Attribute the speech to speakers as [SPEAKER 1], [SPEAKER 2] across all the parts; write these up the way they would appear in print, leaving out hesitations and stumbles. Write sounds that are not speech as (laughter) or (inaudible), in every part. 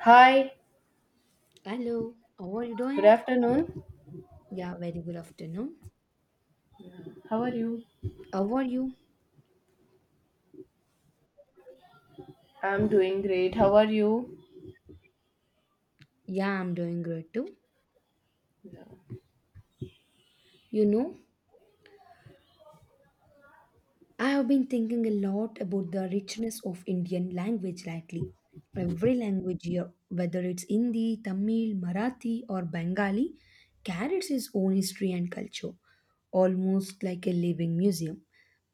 [SPEAKER 1] Hi,
[SPEAKER 2] Hello, how are you
[SPEAKER 1] good
[SPEAKER 2] doing?
[SPEAKER 1] afternoon.
[SPEAKER 2] Yeah, very good afternoon.
[SPEAKER 1] Yeah. How are you?
[SPEAKER 2] How are you?
[SPEAKER 1] I'm doing great. How are you?
[SPEAKER 2] Yeah, I'm doing great too.
[SPEAKER 1] Yeah.
[SPEAKER 2] You know, I have been thinking a lot about the richness of Indian language lately. Every language here, whether it's Hindi, Tamil, Marathi, or Bengali, carries its own history and culture, almost like a living museum.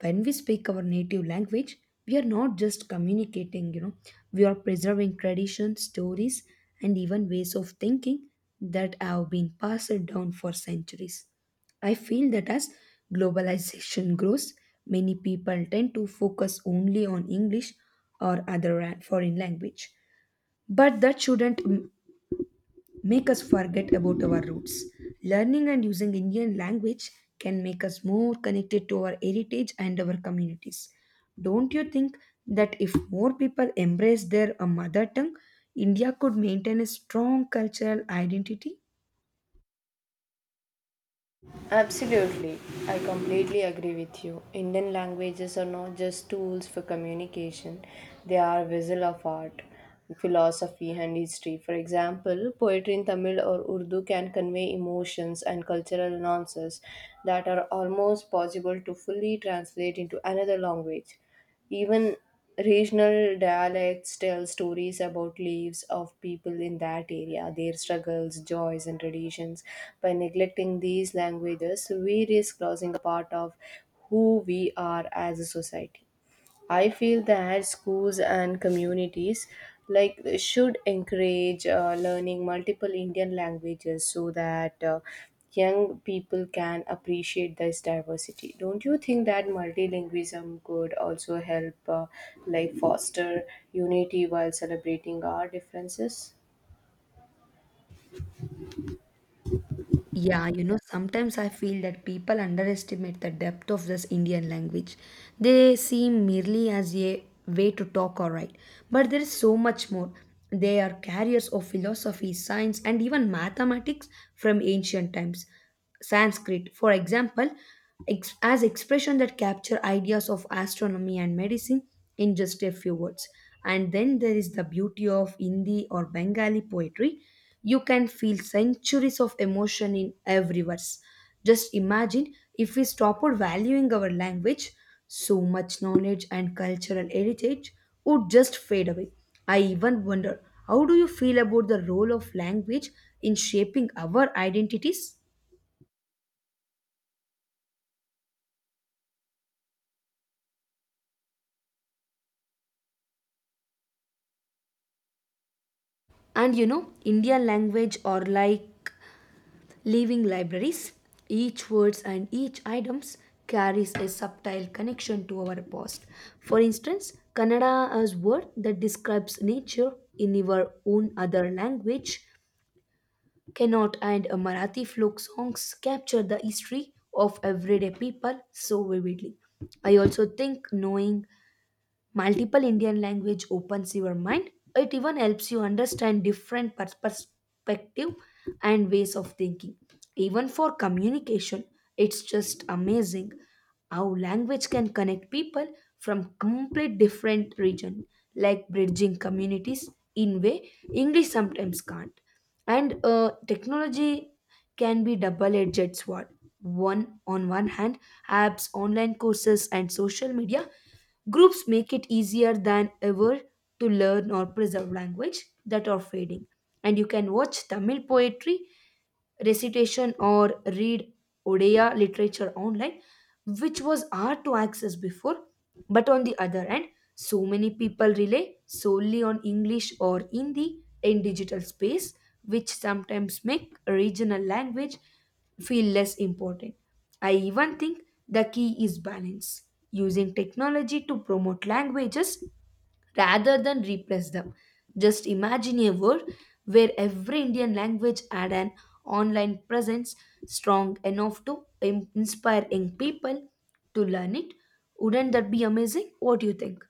[SPEAKER 2] When we speak our native language, we are not just communicating. We are preserving traditions, stories, and even ways of thinking that have been passed down for centuries. I feel that as globalization (laughs) grows, many people tend to focus only on English or other foreign language. But that shouldn't make us forget about our roots. Learning and using Indian language can make us more connected to our heritage and our communities. Don't you think that if more people embrace their mother tongue, India could maintain a strong cultural identity?
[SPEAKER 1] Absolutely. I completely agree with you. Indian languages are not just tools for communication, they are vessel of art, philosophy, and history. For example, poetry in Tamil or Urdu can convey emotions and cultural nuances that are almost possible to fully translate into another language. Even regional dialects tell stories about lives of people in that area, their struggles, joys, and traditions. By neglecting these languages, we risk losing a part of who we are as a society. I feel that schools and communities like should encourage learning multiple Indian languages so that young people can appreciate this diversity. Don't you think that multilingualism could also help like foster unity while celebrating our differences?
[SPEAKER 2] Yeah, sometimes I feel that people underestimate the depth of this Indian language. They see merely as a way to talk or write, but there is so much more. They are carriers of philosophy, science, and even mathematics from ancient times. Sanskrit, for example, as expression that capture ideas of astronomy and medicine in just a few words. And then there is the beauty of Hindi or Bengali poetry. You can feel centuries of emotion in every verse. Just imagine if we stopped valuing our language, so much knowledge and cultural heritage would just fade away. I even wonder how do you feel about the role of language in shaping our identities? Indian language are like living libraries. Each words and each items carries a subtle connection to our past. For instance, Kannada as word that describes nature in our own other language. Cannot and a Marathi folk songs capture the history of everyday people so vividly. I also think knowing multiple Indian language opens your mind. It even helps you understand different perspective and ways of thinking, even for communication. It's just amazing how language can connect people from complete different region, like bridging communities in way English sometimes can't. And technology can be double-edged sword. One on one hand, apps online courses and social media groups make it easier than ever to learn or preserve language that are fading. And you can watch Tamil poetry recitation or read Odia literature online, which was hard to access before. But on the other hand, so many people rely solely on English or Hindi in digital space, which sometimes make regional language feel less important. I even think the key is balance, using technology to promote languages rather than replace them. Just imagine a world where every Indian language had an online presence strong enough to inspire young people to learn it. Wouldn't that be amazing? What do you think?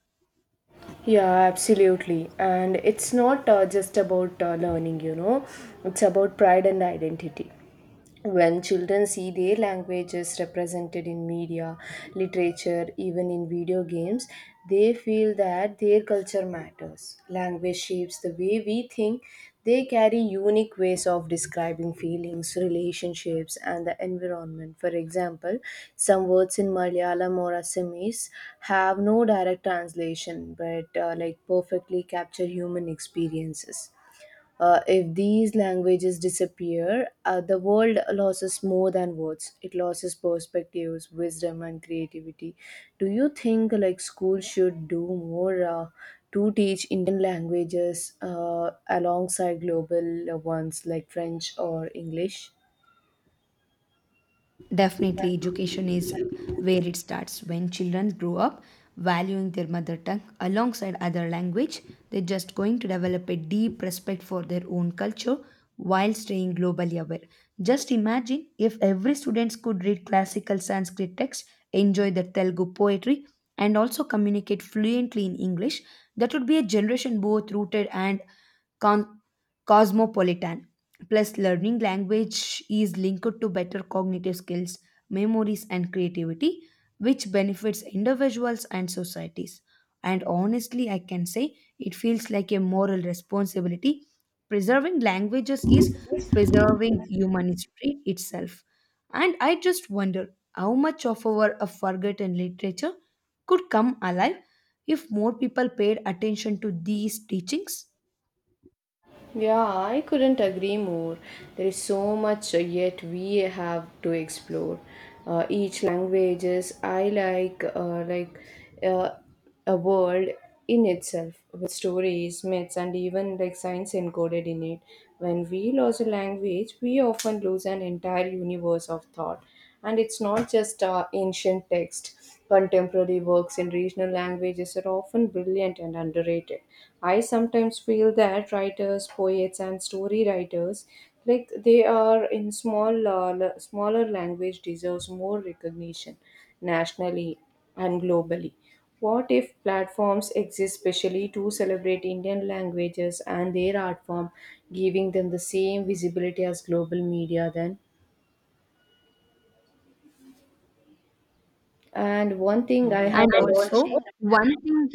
[SPEAKER 1] Yeah, absolutely. And it's not just about learning, you know, it's about pride and identity. When children see their languages represented in media, literature, even in video games, they feel that their culture matters. Language shapes the way we think. They carry unique ways of describing feelings, relationships, and the environment. For example, some words in Malayalam or Assamese have no direct translation, but like perfectly capture human experiences. If these languages disappear, the world loses more than words. It loses perspectives, wisdom, and creativity. Do you think like school should do more to teach Indian languages alongside global ones like French or English?
[SPEAKER 2] Definitely, education is where it starts. When children grow up valuing their mother tongue alongside other language, they're just going to develop a deep respect for their own culture while staying globally aware. Just imagine if every student could read classical Sanskrit texts, enjoy the Telugu poetry, and also communicate fluently in English, that would be a generation both rooted and con- cosmopolitan. Plus, learning language is linked to better cognitive skills, memories, and creativity, which benefits individuals and societies. And honestly, I can say it feels like a moral responsibility. Preserving languages is preserving human history itself. And I just wonder how much of our forgotten literature could come alive if more people paid attention to these teachings.
[SPEAKER 1] Yeah, I couldn't agree more. There is so much yet we have to explore. Each languages I like uh, a world in itself with stories, myths, and even like science encoded in it. When we lose a language, we often lose an entire universe of thought, and it's not just ancient text. Contemporary works in regional languages are often brilliant and underrated. I sometimes feel that writers, poets, and story writers, like they are in small, smaller language, deserves more recognition nationally and globally. What if platforms exist specially to celebrate Indian languages and their art form, giving them the same visibility as global media? Then, and one thing I have—
[SPEAKER 2] And also, one thing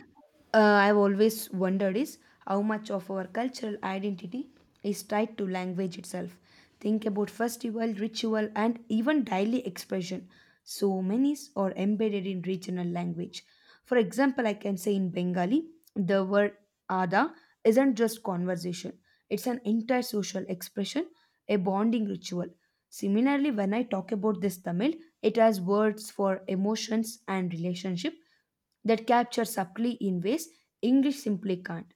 [SPEAKER 2] I've always wondered is how much of our cultural identity is tied to language itself. Think about festival, ritual, and even daily expression. So many are embedded in regional language. For example, I can say in Bengali, the word ada isn't just conversation, it's an entire social expression, a bonding ritual. Similarly, when I talk about this Tamil, it has words for emotions and relationship that capture subtly in ways English simply can't.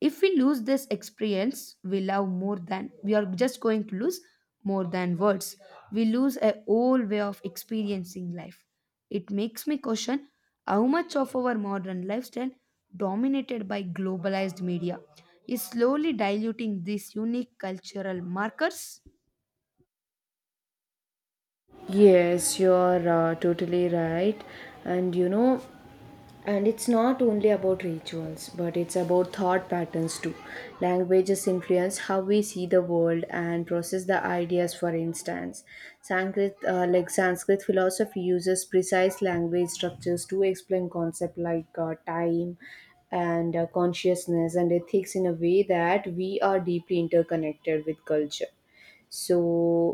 [SPEAKER 2] If we lose this experience, we love more than we are just going to lose more than words. We lose a whole way of experiencing life. It makes me question how much of our modern lifestyle, dominated by globalized media, is slowly diluting these unique cultural markers.
[SPEAKER 1] Yes, you're totally right. And you know, and it's not only about rituals, but it's about thought patterns too. Languages influence how we see the world and process the ideas, for instance. Sanskrit philosophy uses precise language structures to explain concepts like time and consciousness and ethics in a way that we are deeply interconnected with culture. So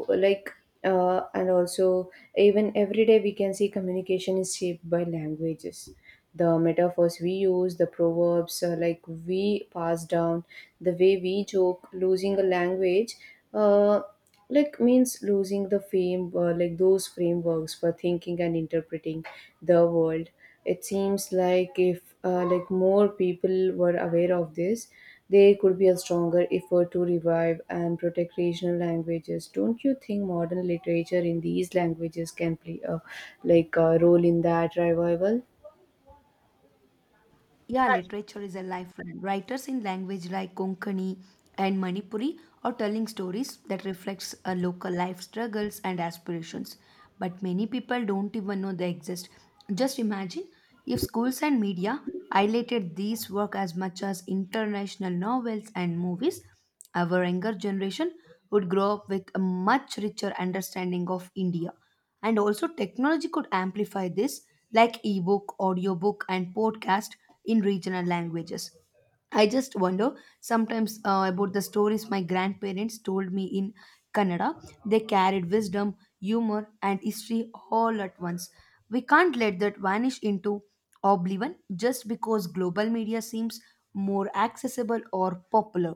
[SPEAKER 1] like, and also, even every day we can see communication is shaped by languages, the metaphors we use, the proverbs like we pass down, the way we joke. Losing a language uh, like means losing the frame, like those frameworks for thinking and interpreting the world. It seems like if like more people were aware of this, there could be a stronger effort to revive and protect regional languages. Don't you think modern literature in these languages can play a like a role in that revival?
[SPEAKER 2] Yeah, literature is a lifeline. Writers in language like Konkani and Manipuri are telling stories that reflects a local life struggles and aspirations. But many people don't even know they exist. Just imagine if schools and media highlighted these work as much as international novels and movies, our younger generation would grow up with a much richer understanding of India. And also, technology could amplify this, like ebook, audiobook, and podcast in regional languages. I just wonder sometimes about the stories my grandparents told me in Kannada. They carried wisdom, humor, and history all at once. We can't let that vanish into oblivion just because global media seems more accessible or popular.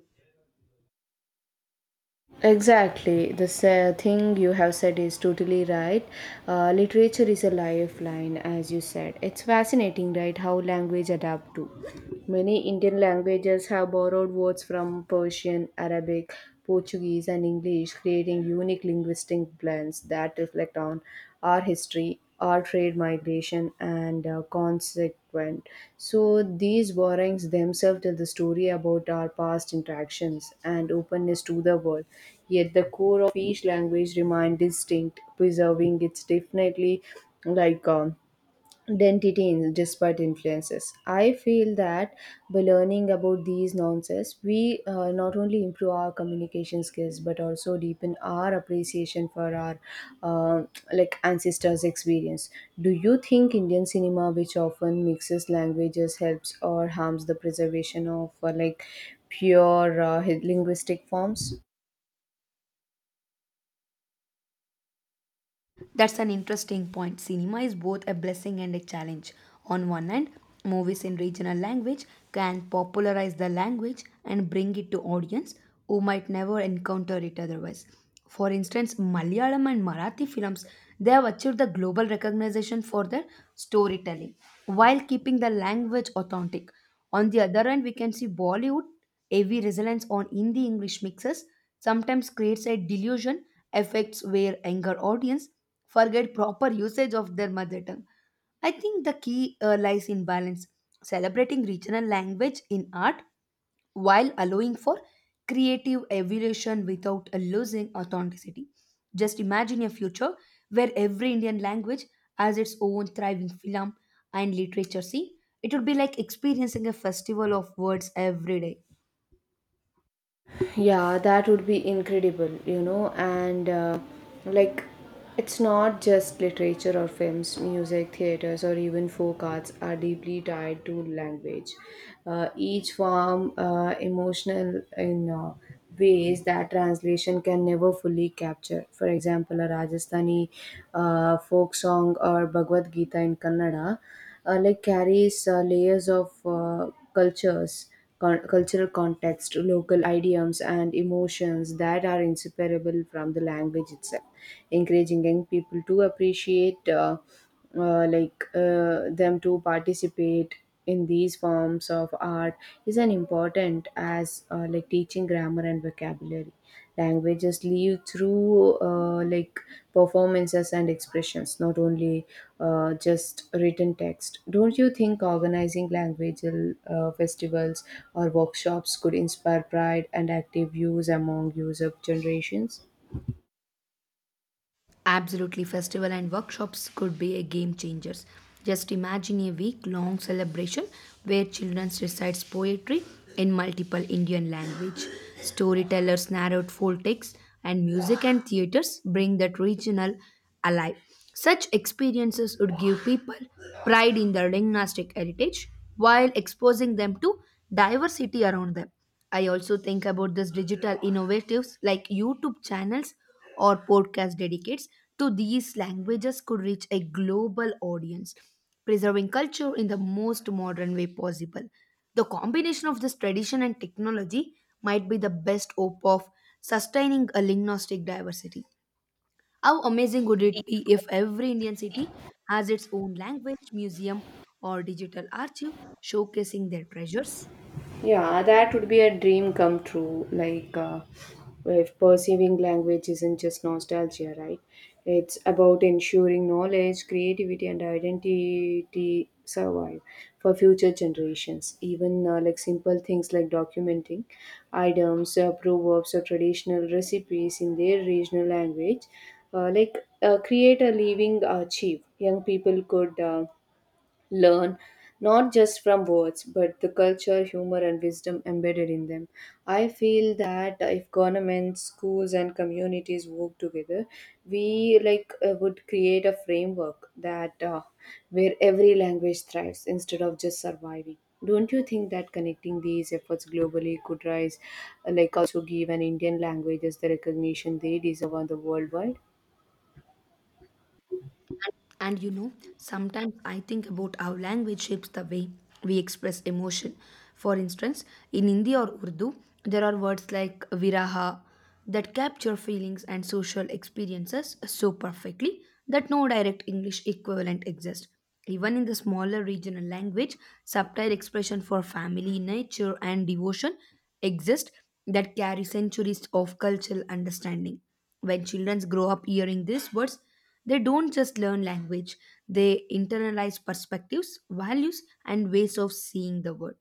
[SPEAKER 1] Exactly, thing you have said is totally right. Literature is a lifeline, as you said. It's fascinating, right? How language adapt to. Many Indian languages have borrowed words from Persian, Arabic, Portuguese, and English, creating unique linguistic blends that reflect on our history or trade migration and consequent. So these borrowings themselves tell the story about our past interactions and openness to the world. Yet the core of each language remains distinct, preserving its definitely like identity in disparate influences. I feel that by learning about these nuances, we not only improve our communication skills but also deepen our appreciation for our uh, like ancestors experience. Do you think Indian cinema, which often mixes languages, helps or harms the preservation of like pure linguistic forms?
[SPEAKER 2] That's an interesting point. Cinema is both a blessing and a challenge. On one hand, movies in regional language can popularize the language and bring it to audience who might never encounter it otherwise. For instance, Malayalam and Marathi films they have achieved the global recognition for their storytelling while keeping the language authentic. On the other hand, we can see Bollywood heavy reliance on Hindi English mixes sometimes creates a delusion effects where younger audience forget proper usage of their mother tongue. I think the key lies in balance, celebrating regional language in art while allowing for creative evolution without losing authenticity. Just imagine a future where every Indian language has its own thriving film and literature scene. It would be like experiencing a festival of words every day.
[SPEAKER 1] Yeah, that would be incredible, you know, and like it's not just literature or films, music, theaters, or even folk arts are deeply tied to language. Each form emotional in ways that translation can never fully capture. For example, a Rajasthani folk song or Bhagavad Gita in Kannada like carries layers of cultures, cultural context, local idioms, and emotions that are inseparable from the language itself, encouraging young people to appreciate like them to participate in these forms of art is an important as like teaching grammar and vocabulary. Languages live through like performances and expressions, not only just written text. Don't you think organizing language festivals or workshops could inspire pride and active use among user generations?
[SPEAKER 2] Absolutely, festival and workshops could be a game changers. Just imagine a week long celebration where children recite poetry in multiple Indian language. Storytellers narrate folk texts and music and theaters bring that regional alive. Such experiences would give people pride in their linguistic heritage while exposing them to diversity around them. I also think about this digital innovatives like YouTube channels or podcast dedicates to these languages could reach a global audience, preserving culture in the most modern way possible. The combination of this tradition and technology might be the best hope of sustaining a linguistic diversity. How amazing would it be if every Indian city has its own language, museum, or digital archive showcasing their treasures?
[SPEAKER 1] Yeah, that would be a dream come true. Like, if perceiving language isn't just nostalgia, right? It's about ensuring knowledge, creativity, and identity survive for future generations. Even like simple things like documenting items, proverbs, or traditional recipes in their regional language, like create a living archive. Young people could. Learn not just from words but the culture, humor, and wisdom embedded in them. I feel that if governments, schools, and communities work together, we like would create a framework that where every language thrives instead of just surviving. Don't you think that connecting these efforts globally could rise like also give an Indian languages the recognition they deserve on the worldwide?
[SPEAKER 2] Sometimes I think about how language shapes the way we express emotion. For instance, in Hindi or Urdu, there are words like viraha that capture feelings and social experiences so perfectly that no direct English equivalent exists. Even in the smaller regional language, subtle expression for family, nature, and devotion exist that carry centuries of cultural understanding. When children grow up hearing these words, they don't just learn language, they internalize perspectives, values, and ways of seeing the world.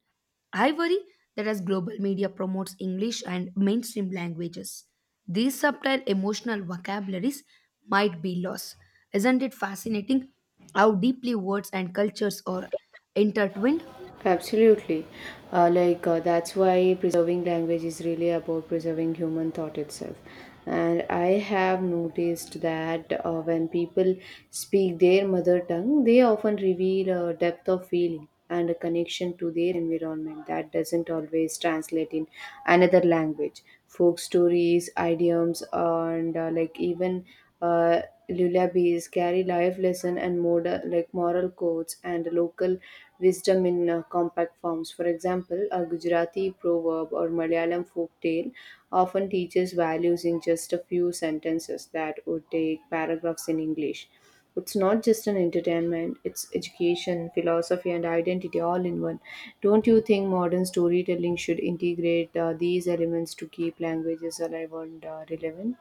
[SPEAKER 2] I worry that as global media promotes English and mainstream languages, these subtle emotional vocabularies might be lost. Isn't it fascinating how deeply words and cultures are intertwined?
[SPEAKER 1] Absolutely. Like, that's why preserving language is really about preserving human thought itself. And I have noticed that when people speak their mother tongue, they often reveal a depth of feeling and a connection to their environment that doesn't always translate in another language. Folk stories, idioms, and like even uh, lullabies carry life lesson and like moral codes and local wisdom in compact forms. For example, a Gujarati proverb or Malayalam folk tale often teaches values in just a few sentences that would take paragraphs in English. It's not just an entertainment, it's education, philosophy, and identity all in one. Don't you think modern storytelling should integrate these elements to keep languages alive and relevant?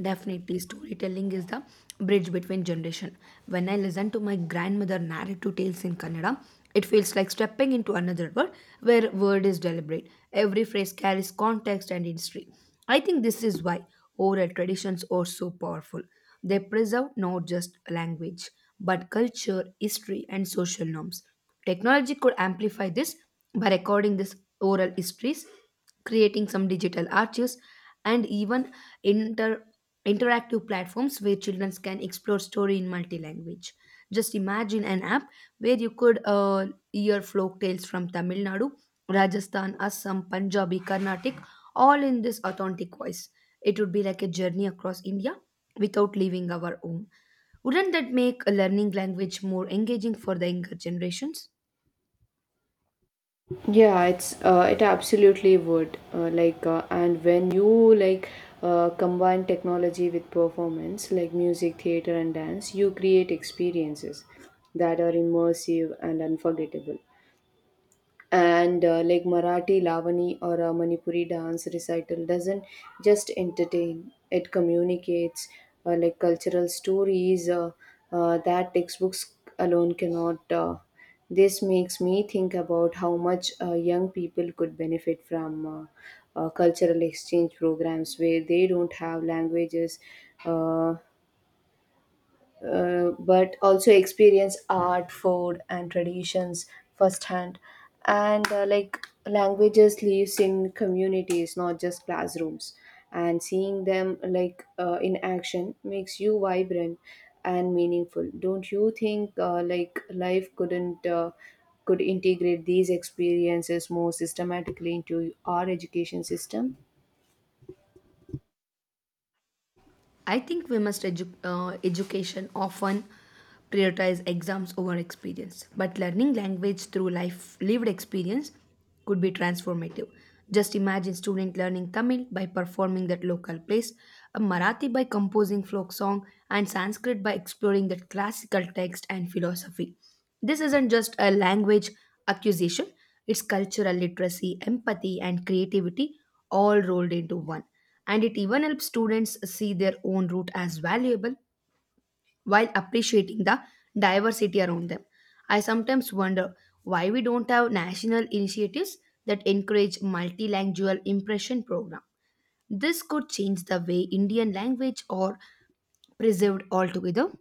[SPEAKER 2] Definitely, storytelling is the bridge between generation. When I listen to my grandmother narrate two tales in Kannada, it feels like stepping into another world where word is deliberate. Every phrase carries context and history. I think this is why oral traditions are so powerful. They preserve not just language, but culture, history, and social norms. Technology could amplify this by recording these oral histories, creating some digital archives, and even inter interactive platforms where children can explore story in multi-language. Just imagine an app where you could hear folk tales from Tamil Nadu, Rajasthan, Assam, Punjabi, Carnatic, all in this authentic voice. It would be like a journey across India without leaving our home. Wouldn't that make a learning language more engaging for the younger generations?
[SPEAKER 1] Yeah, it absolutely would. Like, and when you like combine technology with performance, like music, theater, and dance, you create experiences that are immersive and unforgettable. And like Marathi Lavani or a Manipuri dance recital doesn't just entertain, it communicates like cultural stories that textbooks alone cannot. This makes me think about how much young people could benefit from cultural exchange programs where they don't have languages uh, but also experience art, food, and traditions firsthand. And like languages lives in communities, not just classrooms. And seeing them like in action makes you vibrant and meaningful. Don't you think like life couldn't could integrate these experiences more systematically into our education system?
[SPEAKER 2] I think we must education often prioritize exams over experience, but learning language through life lived experience could be transformative. Just imagine student learning Tamil by performing that local plays, a Marathi by composing folk song, and Sanskrit by exploring that classical text and philosophy. This isn't just a language acquisition; it's cultural literacy, empathy, and creativity all rolled into one and it even helps students see their own route as valuable while appreciating the diversity around them. I sometimes wonder why we don't have national initiatives that encourage multilingual impression program. This could change the way Indian language are preserved altogether.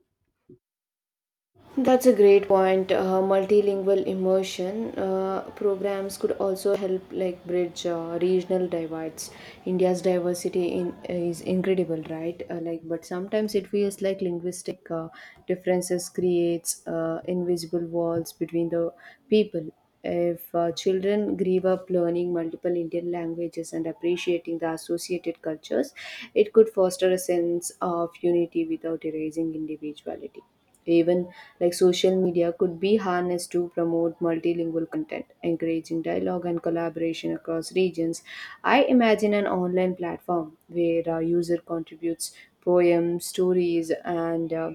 [SPEAKER 1] That's a great point. Multilingual immersion programs could also help like bridge regional divides. India's diversity in is incredible, right? Like, but sometimes it feels like linguistic differences creates invisible walls between the people. If children grew up learning multiple Indian languages and appreciating the associated cultures, it could foster a sense of unity without erasing individuality. Even like social media could be harnessed to promote multilingual content, encouraging dialogue and collaboration across regions. I imagine an online platform where a user contributes poems, stories, and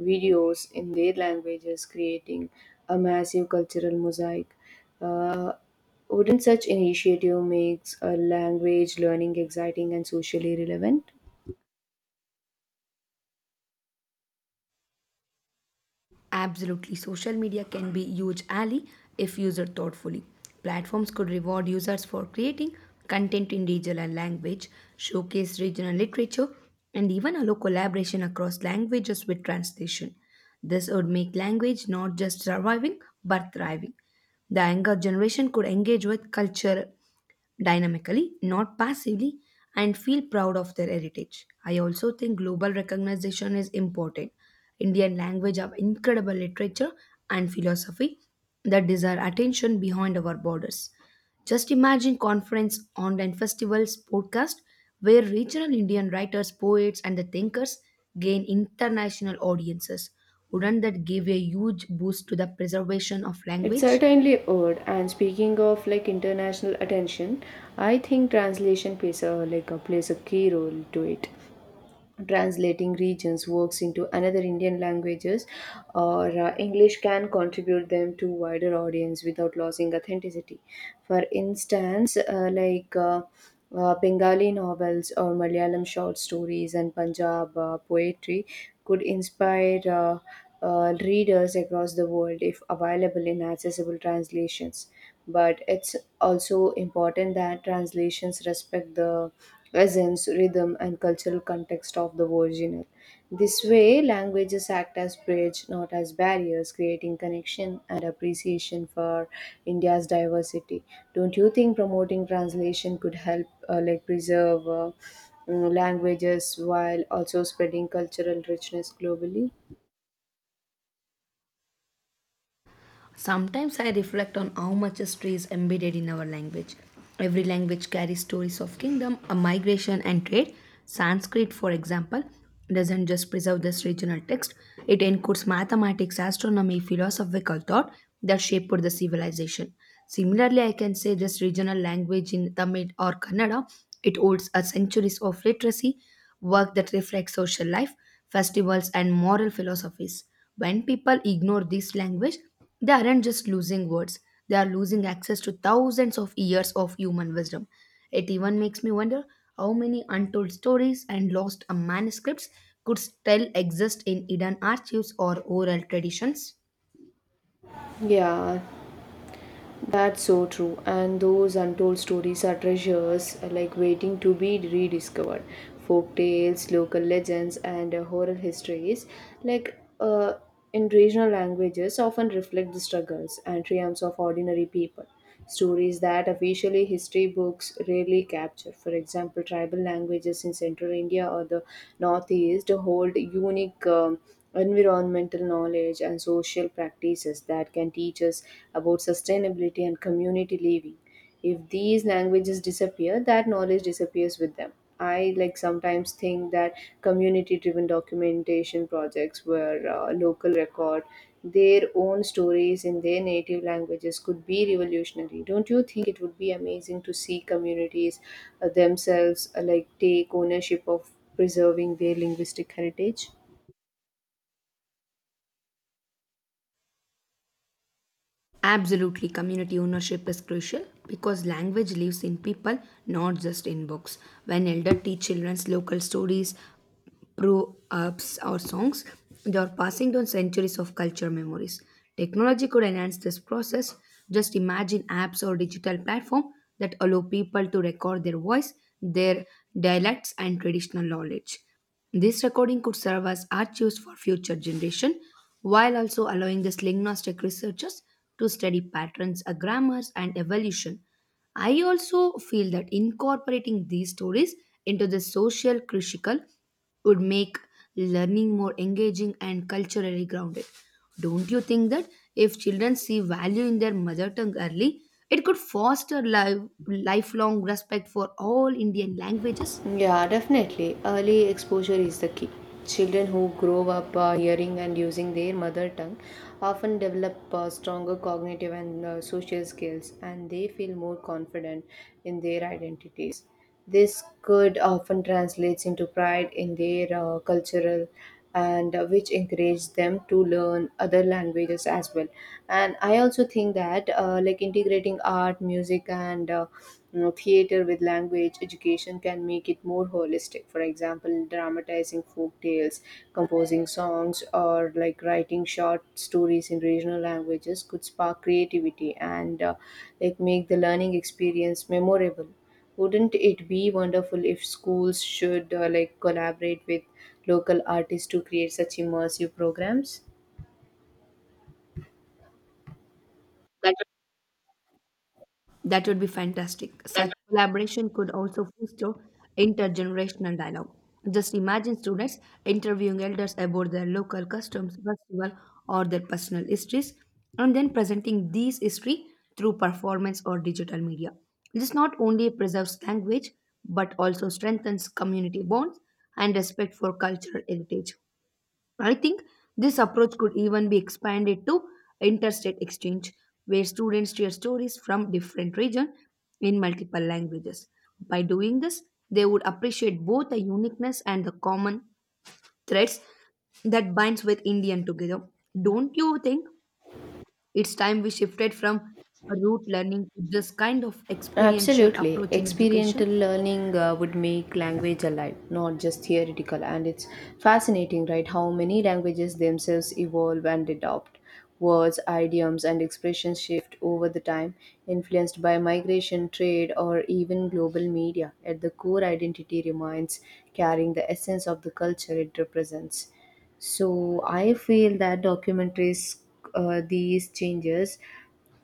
[SPEAKER 1] videos in their languages, creating a massive cultural mosaic. Uh, wouldn't such initiative makes a language learning exciting and socially relevant?
[SPEAKER 2] Absolutely, social media can be huge ally if used thoughtfully. Platforms could reward users for creating content in regional language, showcase regional literature, and even allow collaboration across languages with translation. This would make language not just surviving but thriving. The younger generation could engage with culture dynamically, not passively, and feel proud of their heritage. I also think global recognition is important. Indian language have incredible literature and philosophy that deserve attention behind our borders. Just imagine conference, online festivals, podcast, where regional Indian writers, poets, and the thinkers gain international audiences. Wouldn't that give a huge boost to the preservation of
[SPEAKER 1] It
[SPEAKER 2] language?
[SPEAKER 1] certainly would. And speaking of like international attention, I think translation plays a key role to it. Translating regions works into another Indian languages or English can contribute them to wider audience without losing authenticity. For instance, Bengali novels or Malayalam short stories and Punjab poetry could inspire readers across the world if available in accessible translations. But it's also important that translations respect the essence, rhythm, and cultural context of the original. This way, languages act as bridge, not as barriers, creating connection and appreciation for India's diversity. Don't you think promoting translation could help, like, preserve languages while also spreading cultural richness globally?
[SPEAKER 2] Sometimes I reflect on how much history is embedded in our language. Every language carries stories of kingdom, a migration and trade. Sanskrit, for example, doesn't just preserve this regional text, it encodes mathematics, astronomy, philosophical thought that shaped the civilization. Similarly, I can say this regional language in Tamil or Kannada, it holds a centuries of literacy, work that reflects social life, festivals and moral philosophies. When people ignore this language, they aren't just losing words, they are losing access to thousands of years of human wisdom. It even makes me wonder how many untold stories and lost manuscripts could still exist in hidden archives or oral traditions.
[SPEAKER 1] Yeah, that's so true. And those untold stories are treasures like waiting to be rediscovered. Folk tales, local legends, and oral histories, like in regional languages, often reflect the struggles and triumphs of ordinary people. Stories that officially history books rarely capture. For example, tribal languages in central India or the northeast hold unique environmental knowledge and social practices that can teach us about sustainability and community living. If these languages disappear, that knowledge disappears with them. I like sometimes think that community driven documentation projects where local record their own stories in their native languages could be revolutionary. Don't you think it would be amazing to see communities themselves like take ownership of preserving their linguistic heritage?
[SPEAKER 2] Absolutely, community ownership is crucial because language lives in people, not just in books. When elder teach children's local stories, proverbs, or songs, they are passing down centuries of culture memories. Technology could enhance this process. Just imagine apps or digital platform that allow people to record their voice, their dialects, and traditional knowledge. This recording could serve as archives for future generation, while also allowing the linguistic researchers to study patterns, grammars, and evolution. I also feel that incorporating these stories into the social critical would make learning more engaging and culturally grounded. Don't you think that if children see value in their mother tongue early, it could foster lifelong respect for all Indian languages?
[SPEAKER 1] Yeah, definitely. Early exposure is the key. Children who grow up hearing and using their mother tongue often develop stronger cognitive and social skills, and they feel more confident in their identities. This could often translates into pride in their cultural and which encourage them to learn other languages as well. And I also think that like integrating art, music, and you know, theater with language education can make it more holistic. For example, dramatizing folk tales, composing songs, or like writing short stories in regional languages could spark creativity and like make the learning experience memorable. Wouldn't it be wonderful if schools should like collaborate with local artists to create such immersive programs?
[SPEAKER 2] That would be fantastic. Such collaboration could also foster intergenerational dialogue. Just imagine students interviewing elders about their local customs, festival, or their personal histories, and then presenting these history through performance or digital media. This not only preserves language but also strengthens community bonds and respect for cultural heritage. I think this approach could even be expanded to interstate exchange, where students share stories from different regions in multiple languages. By doing this, they would appreciate both the uniqueness and the common threads that binds with Indian together. Don't you think it's time we shifted from rote learning to this kind of experiential
[SPEAKER 1] Absolutely.
[SPEAKER 2] approach in education?
[SPEAKER 1] Experiential learning would make language alive, not just theoretical. And it's fascinating, right? How many languages themselves evolve and adopt. Words, idioms, and expressions shift over the time, influenced by migration, trade, or even global media. At the core, identity remains carrying the essence of the culture it represents. So I feel that documentaries, these changes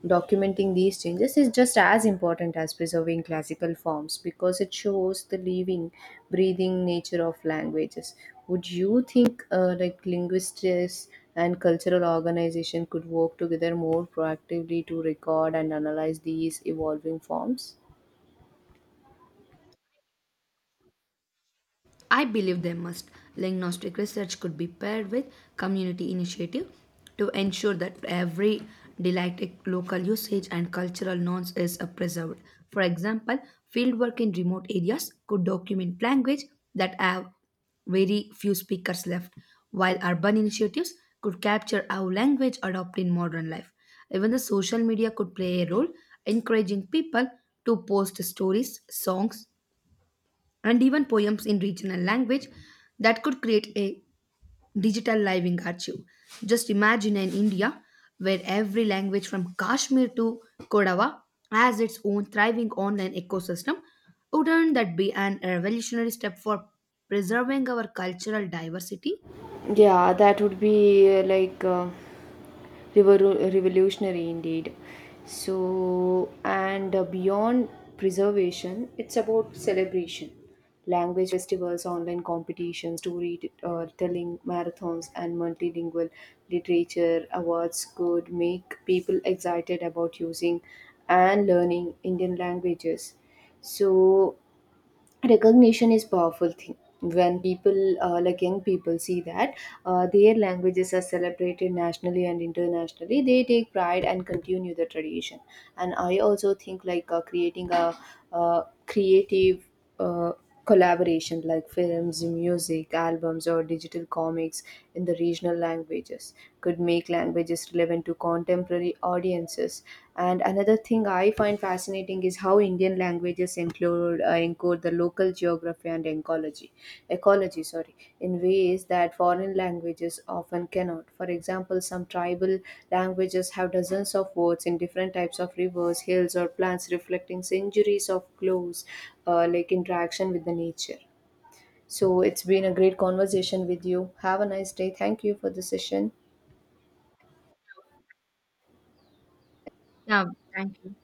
[SPEAKER 1] documenting these changes is just as important as preserving classical forms because it shows the living, breathing nature of languages. Would you think like linguists and cultural organization could work together more proactively to record and analyze these evolving forms?
[SPEAKER 2] I believe they must. Diagnostic research could be paired with community initiative to ensure that every didactic local usage and cultural norms is preserved. For example, fieldwork in remote areas could document language that have very few speakers left, while urban initiatives could capture how language adopt in modern life. Even the social media could play a role, encouraging people to post stories, songs, and even poems in regional language that could create a digital living archive. Just imagine an India where every language from Kashmir to Kodawa has its own thriving online ecosystem. Wouldn't that be an revolutionary step for preserving our cultural diversity?
[SPEAKER 1] Yeah, that would be like revolutionary indeed. So, and beyond preservation, it's about celebration. Language festivals, online competitions, storytelling marathons, and multilingual literature awards could make people excited about using and learning Indian languages. So, recognition is powerful thing. When people like young people see that their languages are celebrated nationally and internationally, they take pride and continue the tradition. And I also think like creating a creative uh, collaboration like films, music, albums, or digital comics in the regional languages could make languages relevant to contemporary audiences. And another thing I find fascinating is how Indian languages include, encode the local geography and ecology, sorry, in ways that foreign languages often cannot. For example, some tribal languages have dozens of words in different types of rivers, hills, or plants, reflecting centuries of close like interaction with the nature. So it's been a great conversation with you. Have a nice day. Thank you for the session.
[SPEAKER 2] Yeah, thank you.